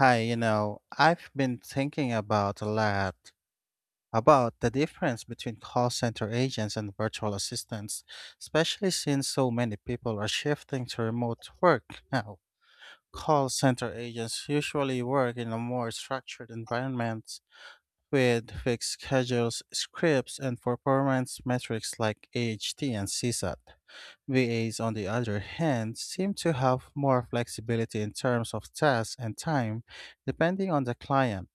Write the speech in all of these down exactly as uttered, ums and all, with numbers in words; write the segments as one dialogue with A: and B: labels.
A: Hi, you know, I've been thinking about a lot about the difference between call center agents and virtual assistants, especially since so many people are shifting to remote work now. Call center agents usually work in a more structured environment with fixed schedules, scripts, and performance metrics like A H T and C S A T. V As, on the other hand, seem to have more flexibility in terms of tasks and time, depending on the client.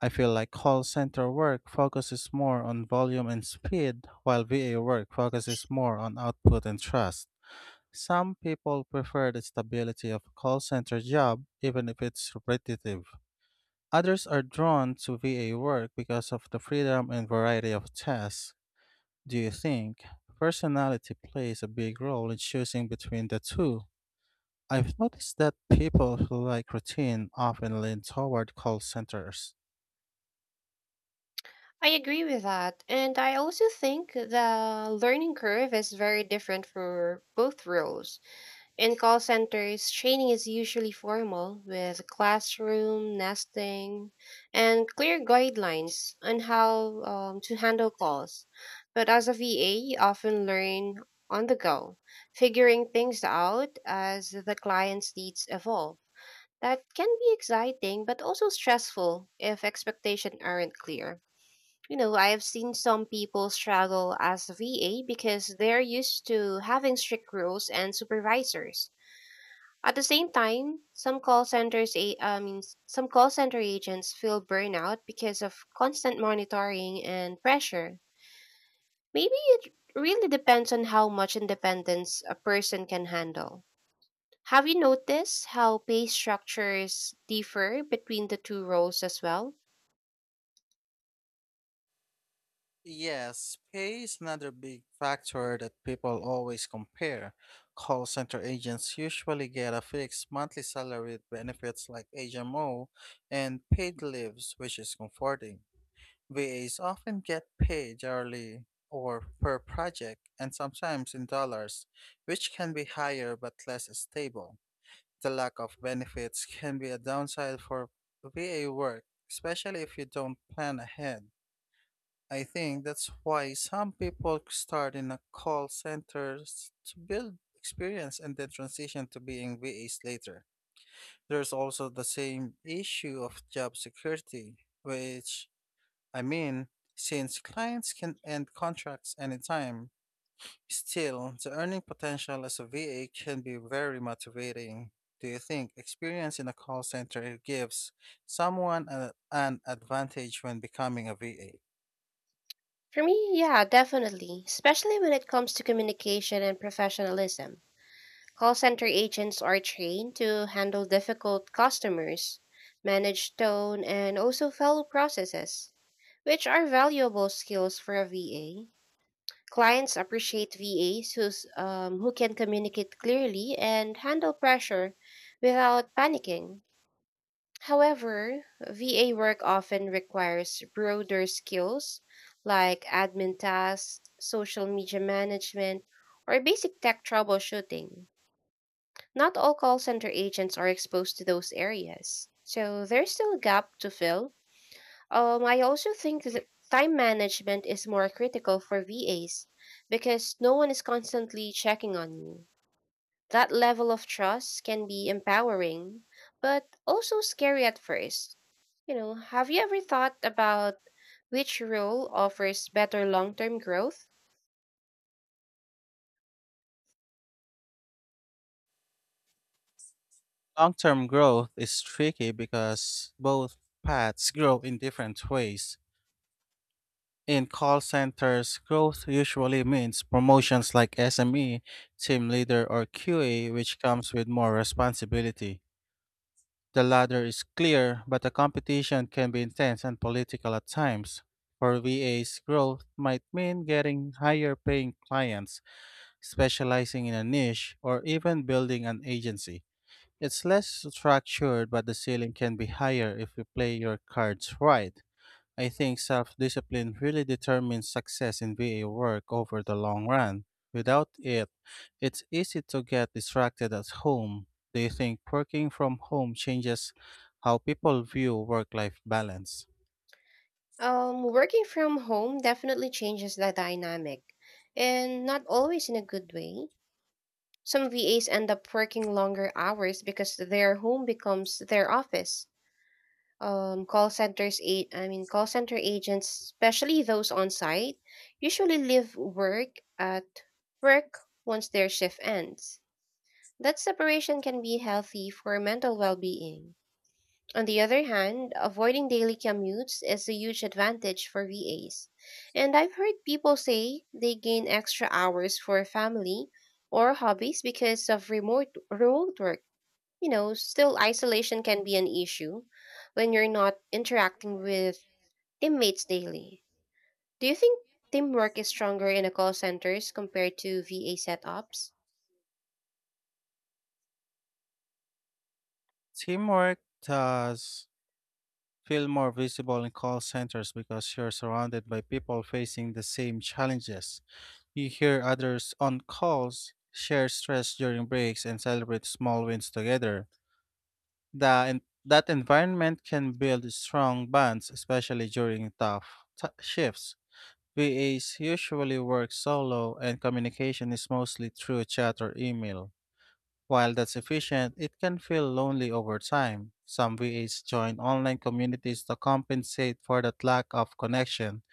A: I feel like call center work focuses more on volume and speed, while V A work focuses more on output and trust. Some people prefer the stability of a call center job, even if it's repetitive. Others are drawn to V A work because of the freedom and variety of tasks. Do you think personality plays a big role in choosing between the two? I've noticed that people who like routine often lean toward call centers.
B: I agree with that. And I also think the learning curve is very different for both roles. In call centers, training is usually formal with classroom, nesting, and clear guidelines on how um, to handle calls. But as a V A, you often learn on the go, figuring things out as the client's needs evolve. That can be exciting, but also stressful if expectations aren't clear. You know, I have seen some people struggle as a V A because they're used to having strict rules and supervisors. At the same time, some call centers, a- I mean, some call center agents feel burnout because of constant monitoring and pressure. Maybe it really depends on how much independence a person can handle. Have you noticed how pay structures differ between the two roles as well?
A: Yes, pay is another big factor that people always compare. Call center agents usually get a fixed monthly salary with benefits like H M O and paid leaves, which is comforting. V As often get paid hourly or per project and sometimes in dollars, which can be higher but less stable. The lack of benefits can be a downside for V A work, especially if you don't plan ahead. I think that's why some people start in a call centers to build experience and then transition to being V As later. There's also the same issue of job security, which, I mean, since clients can end contracts anytime, still, the earning potential as a V A can be very motivating. Do you think experience in a call center gives someone a- an advantage when becoming a V A?
B: For me, yeah, definitely, especially when it comes to communication and professionalism. Call center agents are trained to handle difficult customers, manage tone, and also follow processes, which are valuable skills for a V A. Clients appreciate V As who's, um, who can communicate clearly and handle pressure without panicking. However, V A work often requires broader skills like admin tasks, social media management, or basic tech troubleshooting. Not all call center agents are exposed to those areas, so there's still a gap to fill. Um, I also think that time management is more critical for V As because no one is constantly checking on you. That level of trust can be empowering, but also scary at first. You know, have you ever thought about which role offers better long term growth?
A: Long term growth is tricky because both paths grow in different ways. In call centers, growth usually means promotions like S M E, team leader, or Q A, which comes with more responsibility. The latter is clear, but the competition can be intense and political at times. For V As, growth might mean getting higher paying clients, specializing in a niche, or even building an agency. It's less structured, but the ceiling can be higher if you play your cards right. I think self discipline really determines success in V A work over the long run. Without it, it's easy to get distracted at home. Do you think working from home changes how people view work life balance?
B: Um, working from home definitely changes the dynamic, and not always in a good way. Some V As end up working longer hours because their home becomes their office. um, call centers a- I mean Call center agents, especially those on site, usually leave work at work once their shift ends. That separation can be healthy for mental well-being. On the other hand, avoiding daily commutes is a huge advantage for V As. And I've heard people say they gain extra hours for family or hobbies because of remote remote work. You know, still, isolation can be an issue when you're not interacting with teammates daily. Do you think teamwork is stronger in a call centers compared to V A setups?
A: Teamwork does feel more visible in call centers because you're surrounded by people facing the same challenges. You hear others on calls, share stress during breaks, and celebrate small wins together. The en- that environment can build strong bonds, especially during tough t- shifts. V As usually work solo, and communication is mostly through chat or email. While that's efficient, it can feel lonely over time. Some V As join online communities to compensate for that lack of connection.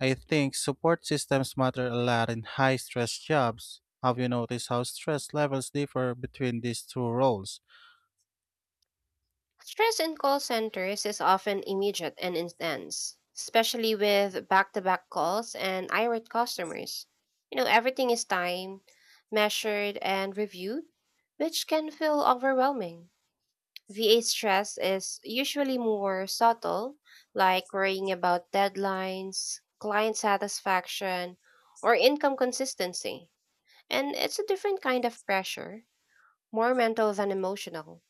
A: I think support systems matter a lot in high stress jobs. Have you noticed how stress levels differ between these two roles?
B: Stress in call centers is often immediate and intense, especially with back-to-back calls and irate customers. You know, everything is timed, measured, and reviewed, which can feel overwhelming. V A stress is usually more subtle, like worrying about deadlines, client satisfaction, or income consistency. And it's a different kind of pressure, more mental than emotional.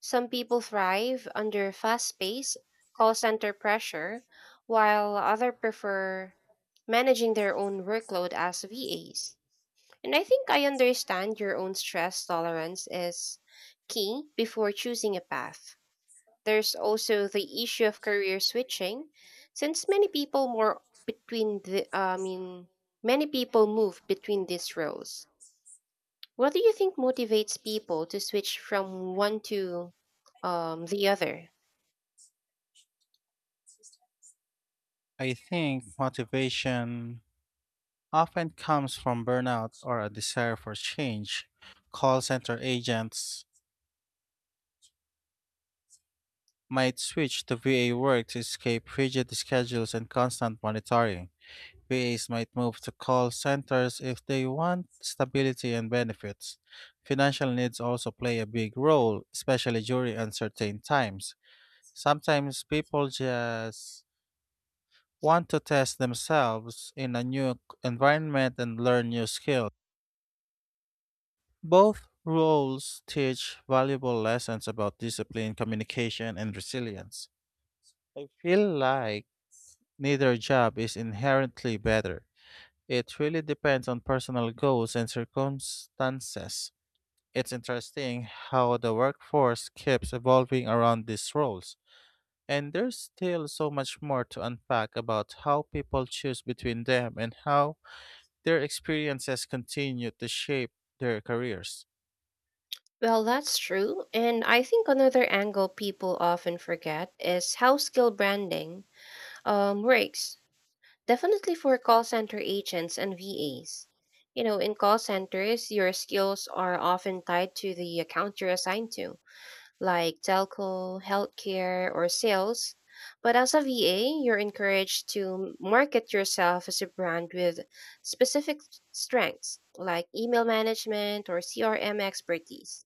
B: Some people thrive under fast paced call center pressure, while others prefer managing their own workload as V As. And I think I understand your own stress tolerance is key before choosing a path. There's also the issue of career switching, since many people more between the I mean many people move between these roles. What do you think motivates people to switch from one to um, the other?
A: I think motivation often comes from burnout or a desire for change. Call center agents might switch to V A work to escape rigid schedules and constant monitoring. V As might move to call centers if they want stability and benefits. Financial needs also play a big role, especially during uncertain times. Sometimes people just want to test themselves in a new environment and learn new skills. Both roles teach valuable lessons about discipline, communication, and resilience. I feel like neither job is inherently better. It really depends on personal goals and circumstances. It's interesting how the workforce keeps evolving around these roles. And there's still so much more to unpack about how people choose between them and how their experiences continue to shape their careers.
B: Well, that's true. And I think another angle people often forget is how skill branding um, works. Definitely for call center agents and V As. You know, in call centers, your skills are often tied to the account you're assigned to, like telco, healthcare, or sales. But as a V A, you're encouraged to market yourself as a brand with specific strengths, like email management or C R M expertise.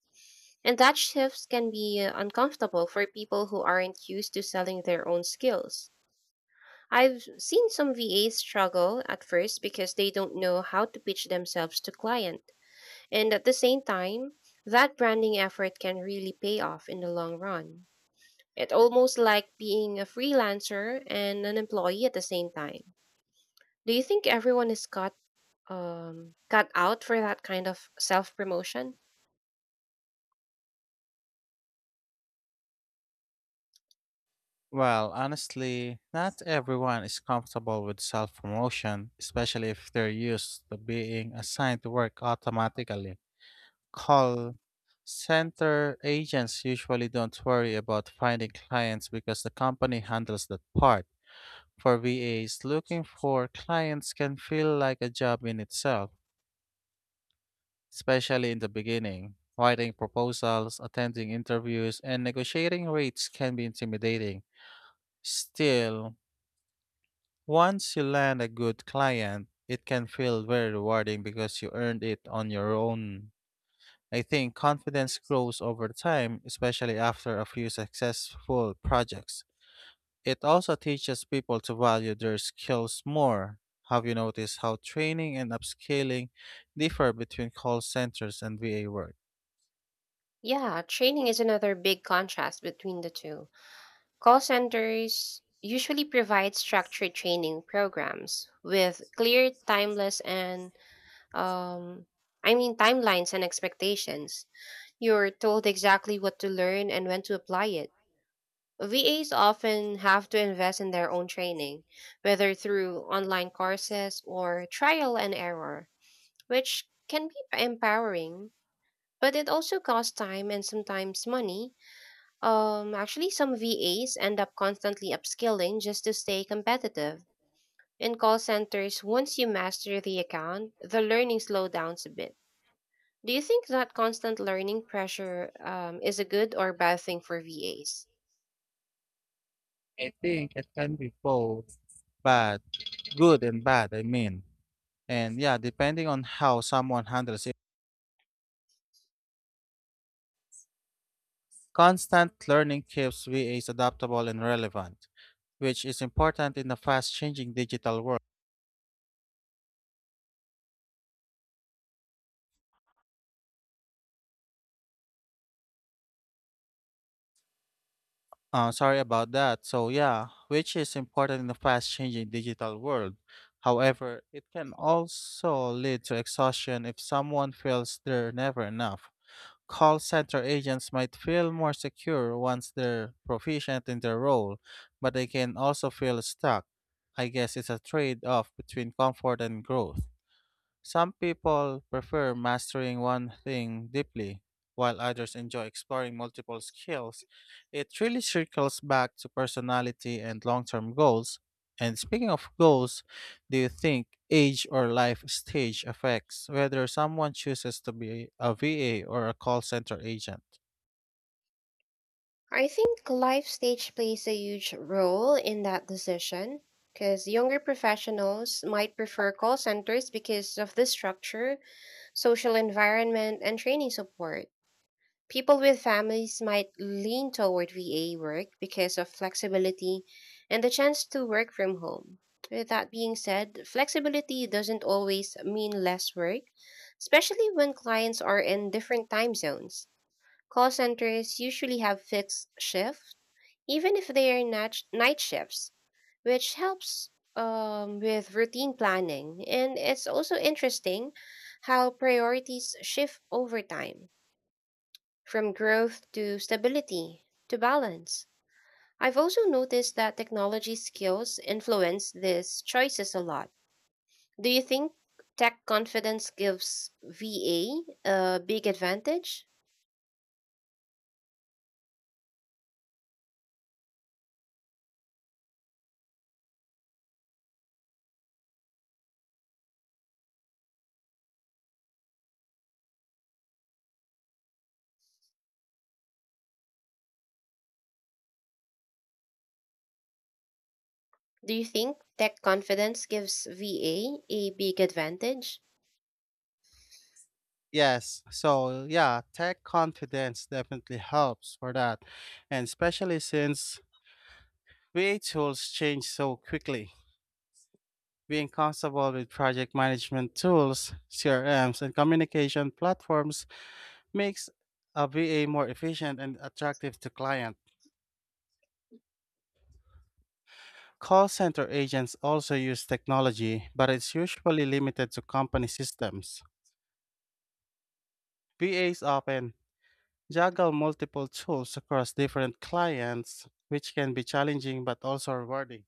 B: And that shifts can be uh, uncomfortable for people who aren't used to selling their own skills. I've seen some V As struggle at first because they don't know how to pitch themselves to client. And at the same time, that branding effort can really pay off in the long run. It's almost like being a freelancer and an employee at the same time. Do you think everyone is cut um, cut out for that kind of self promotion?
A: Well, honestly, not everyone is comfortable with self promotion, especially if they're used to being assigned to work automatically. Call center agents usually don't worry about finding clients because the company handles that part. For V As, looking for clients can feel like a job in itself, especially in the beginning. Writing proposals, attending interviews, and negotiating rates can be intimidating. Still, once you land a good client, it can feel very rewarding because you earned it on your own. I think confidence grows over time, especially after a few successful projects. It also teaches people to value their skills more. Have you noticed how training and upscaling differ between call centers and V A work?
B: Yeah, training is another big contrast between the two. Call centers usually provide structured training programs with clear timeless and um, I mean timelines and expectations. You're told exactly what to learn and when to apply it. V As often have to invest in their own training, whether through online courses or trial and error, which can be empowering, but it also costs time and sometimes money. Um, actually, some V As end up constantly upskilling just to stay competitive. In call centers, once you master the account, the learning slowdowns a bit. Do you think that constant learning pressure um, is a good or bad thing for V As?
A: I think it can be both. Bad, good and bad, I mean. And yeah, depending on how someone handles. Constant learning keeps V As adaptable and relevant, which is important in the fast-changing digital world. Uh, sorry about that. So yeah, which is important in the fast-changing digital world. However, it can also lead to exhaustion if someone feels they're never enough. Call center agents might feel more secure once they're proficient in their role, but they can also feel stuck. I guess it's a trade-off between comfort and growth. Some people prefer mastering one thing deeply, while others enjoy exploring multiple skills. It really circles back to personality and long term goals. And speaking of goals, do you think age or life stage affects whether someone chooses to be a V A or a call center agent?
B: I think life stage plays a huge role in that decision because younger professionals might prefer call centers because of the structure, social environment, and training support. People with families might lean toward V A work because of flexibility and the chance to work from home. With that being said, flexibility doesn't always mean less work, especially when clients are in different time zones. Call centers usually have fixed shifts, even if they are nat- night shifts, which helps um, with routine planning. And it's also interesting how priorities shift over time from growth to stability to balance. I've also noticed that technology skills influence these choices a lot. Do you think tech confidence gives VA a a big advantage? Do you think tech confidence gives VA a a big advantage?
A: Yes. So, yeah, tech confidence definitely helps for that. And especially since V A tools change so quickly. Being comfortable with project management tools, C R Ms, and communication platforms makes a V A more efficient and attractive to clients. Call center agents also use technology, but it's usually limited to company systems. V As often juggle multiple tools across different clients, which can be challenging but also rewarding.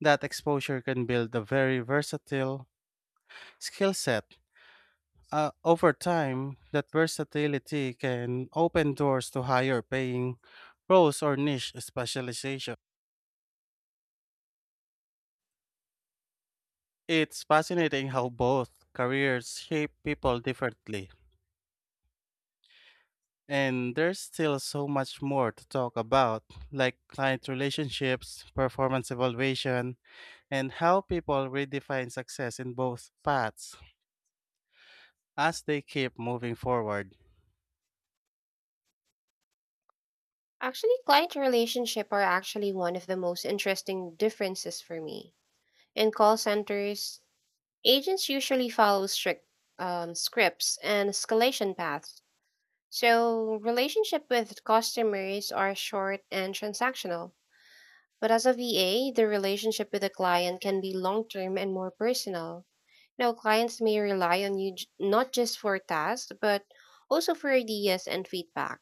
A: That exposure can build a very versatile skill set. Uh, over time, that versatility can open doors to higher paying roles or niche specialization. It's fascinating how both careers shape people differently. And there's still so much more to talk about, like client relationships, performance evaluation, and how people redefine success in both paths as they keep moving forward.
B: Actually, client relationship are actually one of the most interesting differences for me. In call centers, agents usually follow strict um, scripts and escalation paths. So, relationship with customers are short and transactional. But as a V A, the relationship with a client can be long-term and more personal. Now, clients may rely on you j- not just for tasks, but also for ideas and feedback.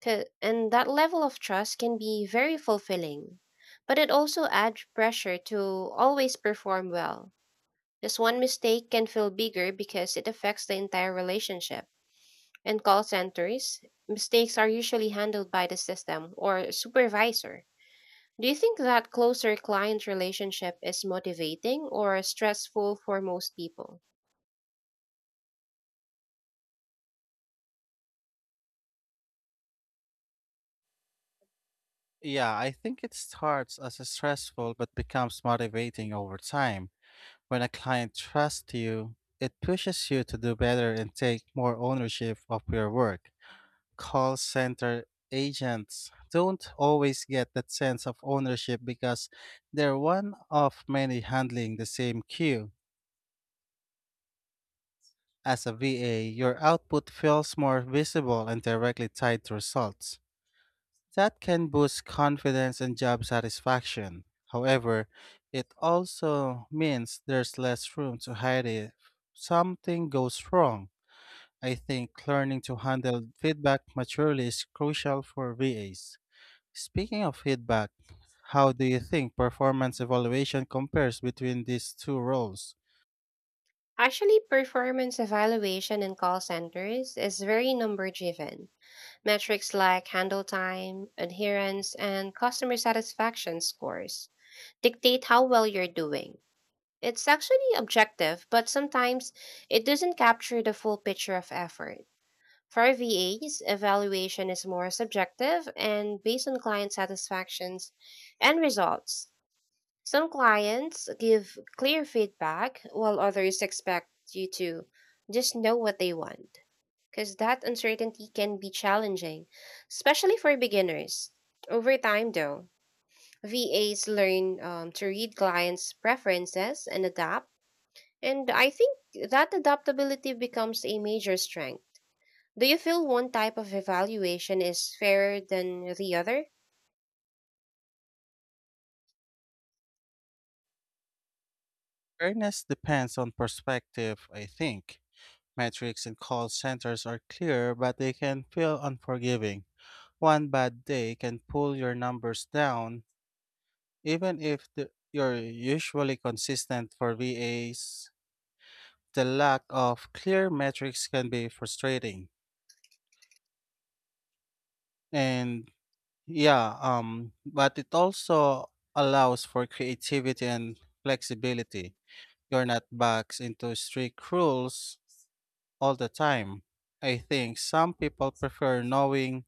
B: 'Ca- And that level of trust can be very fulfilling, but it also adds pressure to always perform well. Just one mistake can feel bigger because it affects the entire relationship. In call centers, mistakes are usually handled by the system or supervisor. Do you think that closer client relationship is motivating or stressful for most people?
A: Yeah, I think it starts as a stressful but becomes motivating over time. When a client trusts you, it pushes you to do better and take more ownership of your work. Call center agents don't always get that sense of ownership because they're one of many handling the same queue. As a V A, your output feels more visible and directly tied to results. That can boost confidence and job satisfaction. However, it also means there's less room to hide it something goes wrong. I think learning to handle feedback maturely is crucial for V As. Speaking of feedback, how do you think performance evaluation compares between these two roles?
B: Actually, performance evaluation in call centers is very number driven. Metrics like handle time, adherence, and customer satisfaction scores dictate how well you're doing. It's actually objective, but sometimes it doesn't capture the full picture of effort. For V As, evaluation is more subjective and based on client satisfactions and results. Some clients give clear feedback, while others expect you to just know what they want because that uncertainty can be challenging, especially for beginners. Over time, though, V As learn um, to read clients' preferences and adapt, and I think that adaptability becomes a major strength. Do you feel one type of evaluation is fairer than the other?
A: Fairness depends on perspective, I think. Metrics in call centers are clear, but they can feel unforgiving. One bad day can pull your numbers down, even if the, you're usually consistent for V As. The lack of clear metrics can be frustrating. And yeah, um, but it also allows for creativity and flexibility. You're not boxed into strict rules all the time. I think some people prefer knowing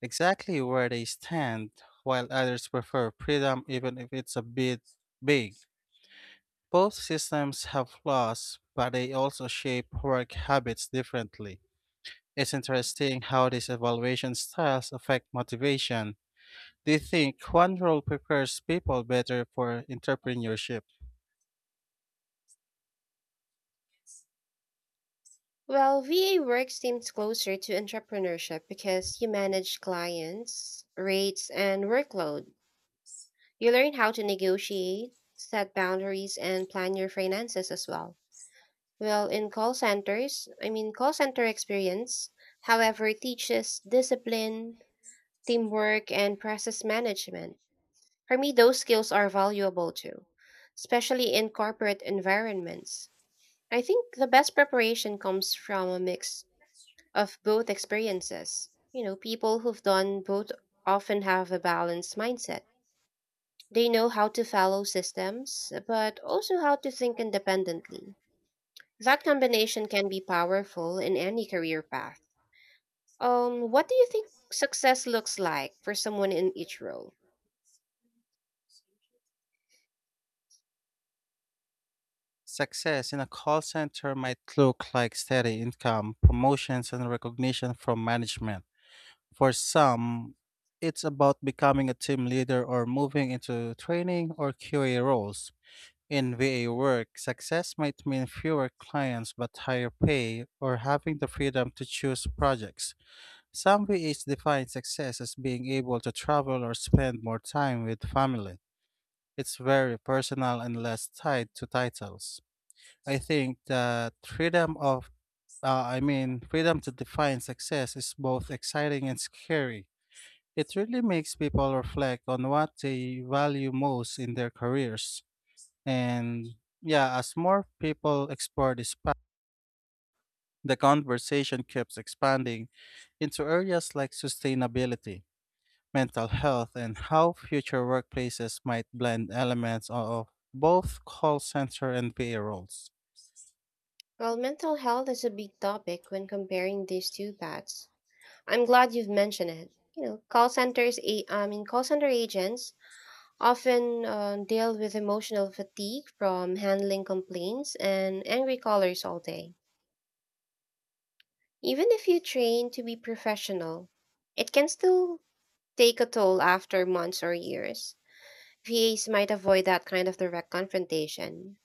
A: exactly where they stand, while others prefer freedom, even if it's a bit big. Both systems have flaws, but they also shape work habits differently. It's interesting how these evaluation styles affect motivation. Do you think one role prepares people better for entrepreneurship?
B: Well, V A work seems closer to entrepreneurship because you manage clients, rates, and workload. You learn how to negotiate, set boundaries, and plan your finances as well. Well, in call centers, I mean, call center experience, however, teaches discipline, teamwork, and process management. For me, those skills are valuable too, especially in corporate environments. I think the best preparation comes from a mix of both experiences. You know, people who've done both often have a balanced mindset. They know how to follow systems, but also how to think independently. That combination can be powerful in any career path. Um, what do you think success looks like for someone in each role?
A: Success in a call center might look like steady income, promotions, and recognition from management. For some, it's about becoming a team leader or moving into training or Q A roles. In V A work, success might mean fewer clients but higher pay or having the freedom to choose projects. Some V As define success as being able to travel or spend more time with family. It's very personal and less tied to titles. I think that freedom of, uh, I mean, freedom to define success is both exciting and scary. It really makes people reflect on what they value most in their careers. And yeah, as more people explore this path, the conversation keeps expanding into areas like sustainability, mental health, and how future workplaces might blend elements of both call center and V A roles.
B: Well, mental health is a big topic when comparing these two paths. I'm glad you've mentioned it. You know, call centers, a- I mean, call center agents often uh, deal with emotional fatigue from handling complaints and angry callers all day. Even if you train to be professional, it can still take a toll after months or years. V As might avoid that kind of direct confrontation,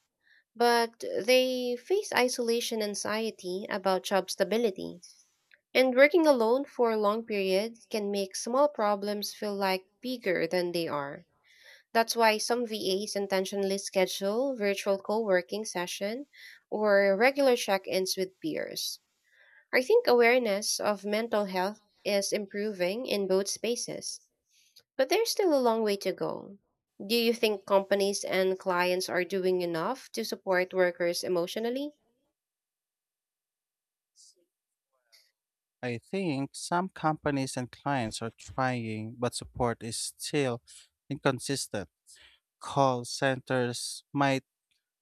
B: but they face isolation anxiety about job stability. And working alone for long periods can make small problems feel like bigger than they are. That's why some V As intentionally schedule virtual co working session or regular check ins with peers. I think awareness of mental health is improving in both spaces, but there's still a long way to go. Do you think companies and clients are doing enough to support workers emotionally?
A: I think some companies and clients are trying, but support is still inconsistent. Call centers might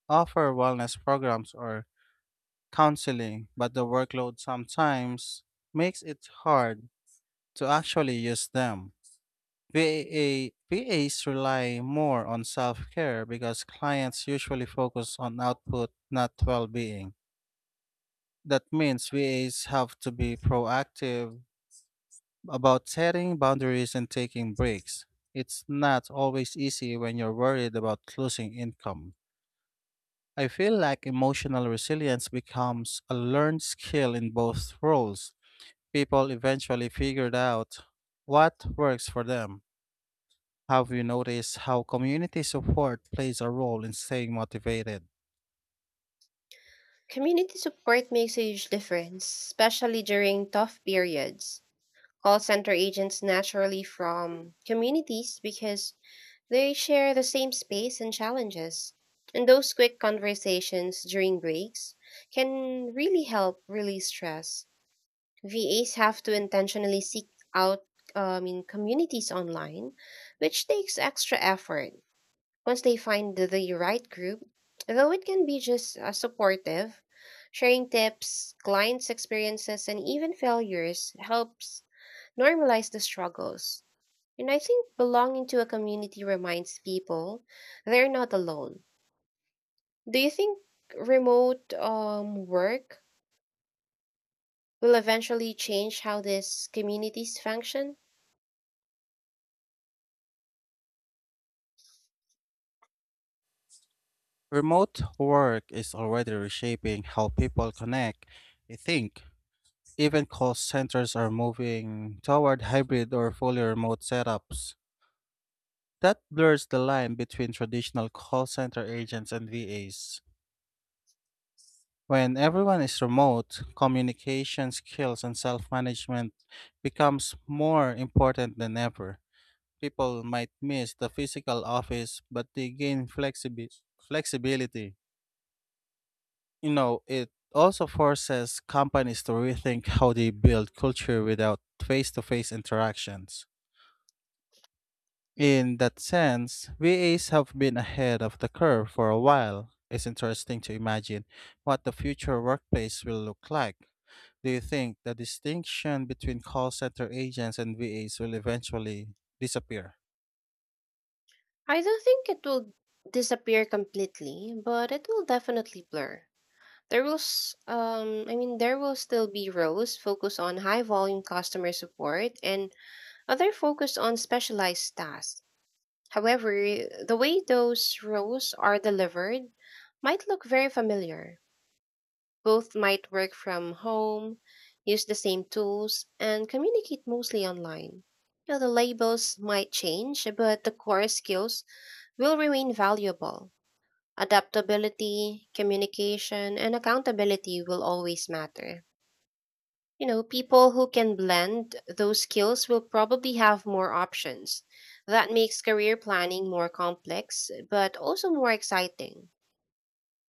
A: offer wellness programs or counseling, but the workload sometimes makes it hard to actually use them. VA, V As rely more on self care because clients usually focus on output, not well being. That means V As have to be proactive about setting boundaries and taking breaks. It's not always easy when you're worried about losing income. I feel like emotional resilience becomes a learned skill in both roles. People eventually figured out what works for them. Have you noticed how community support plays a role in staying motivated?
B: Community support makes a huge difference, especially during tough periods. Call center agents naturally from communities because they share the same space and challenges. And those quick conversations during breaks can really help release stress. V As have to intentionally seek out um, in communities online, which takes extra effort. Once they find the, the right group, though it can be just uh, supportive, sharing tips, clients' experiences, and even failures helps normalize the struggles. And I think belonging to a community reminds people they're not alone. Do you think remote um, work will eventually change how these communities function?
A: Remote work is already reshaping how people connect. I think even call centers are moving toward hybrid or fully remote setups. That blurs the line between traditional call center agents and V As. When everyone is remote, communication skills and self management becomes more important than ever. People might miss the physical office, but they gain flexibi- flexibility. You know, it also forces companies to rethink how they build culture without face to face interactions. In that sense, V As have been ahead of the curve for a while. It's interesting to imagine what the future workplace will look like. Do you think the distinction between call center agents and V As will eventually disappear?
B: I don't think it will disappear completely, but it will definitely blur. There will, s- um, I mean, There will still be roles focused on high volume customer support and other focused on specialized tasks. However, the way those roles are delivered might look very familiar. Both might work from home, use the same tools, and communicate mostly online. You know, the labels might change, but the core skills will remain valuable. Adaptability, communication, and accountability will always matter. You know, people who can blend those skills will probably have more options. That makes career planning more complex, but also more exciting.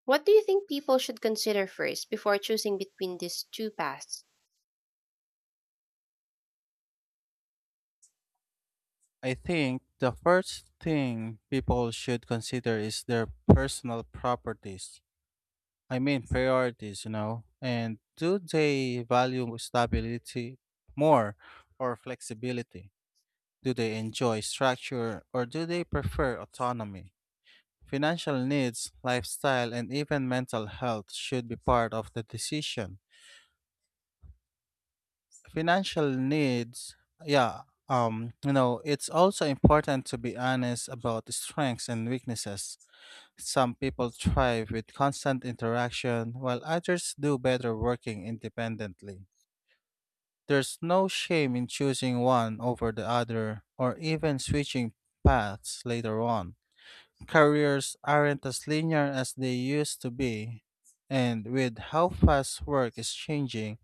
B: What do you think people should consider first before choosing between these two paths?
A: I think the first thing people should consider is their personal properties. I mean, priorities, you know. And do they value stability more or flexibility? Do they enjoy structure or do they prefer autonomy? Financial needs, lifestyle, and even mental health should be part of the decision. Financial needs, yeah, um, you know, it's also important to be honest about the strengths and weaknesses. Some people thrive with constant interaction, while others do better working independently. There's no shame in choosing one over the other, or even switching paths later on. Careers aren't as linear as they used to be, and with how fast work is changing,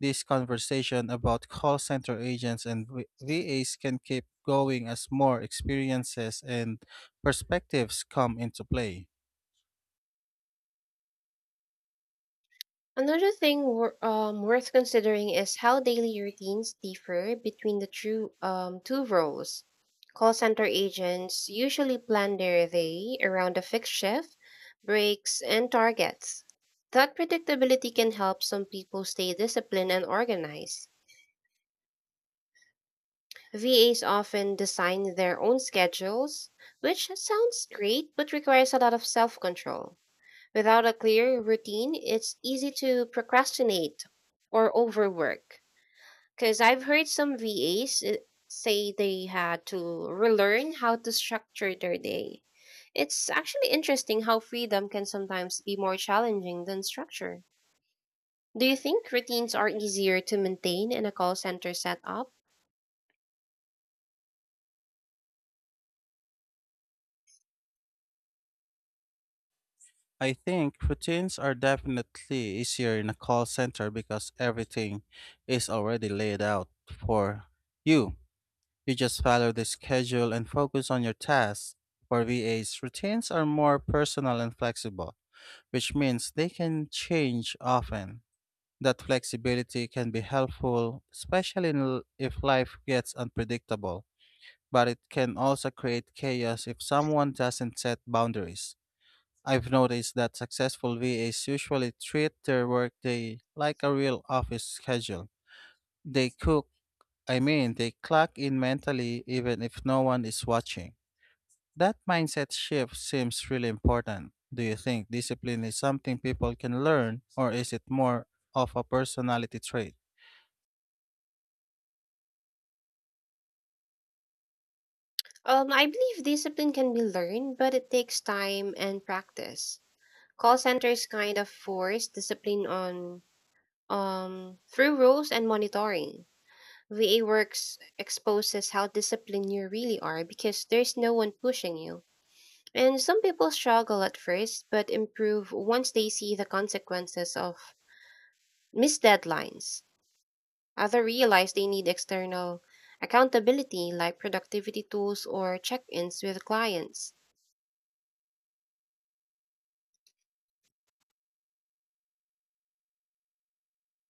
A: this conversation about call center agents and V- VAs can keep going as more experiences and perspectives come into play.
B: Another thing wor- um, worth considering is how daily routines differ between the true um, two roles. Call center agents usually plan their day around a fixed shift, breaks, and targets. That predictability can help some people stay disciplined and organized. V As often design their own schedules, which sounds great but requires a lot of self control. Without a clear routine, it's easy to procrastinate or overwork. Because I've heard some V As uh, say they had to relearn how to structure their day. It's actually interesting how freedom can sometimes be more challenging than structure. Do you think routines are easier to maintain in a call center setup?
A: I think routines are definitely easier in a call center because everything is already laid out for you. You just follow the schedule and focus on your tasks. For V As, routines are more personal and flexible, which means they can change often. That flexibility can be helpful, especially in l- if life gets unpredictable, but it can also create chaos if someone doesn't set boundaries. I've noticed that successful V As usually treat their workday like a real office schedule. They cook, I mean, They clock in mentally even if no one is watching. That mindset shift seems really important. Do you think discipline is something people can learn, or is it more of a personality trait?
B: Um, I believe discipline can be learned, but it takes time and practice. Call centers kind of force discipline on. Um, through rules and monitoring, V A works exposes how disciplined you really are because there's no one pushing you. And some people struggle at first but improve once they see the consequences of missed deadlines. Others realize they need external accountability like productivity tools or check ins with clients.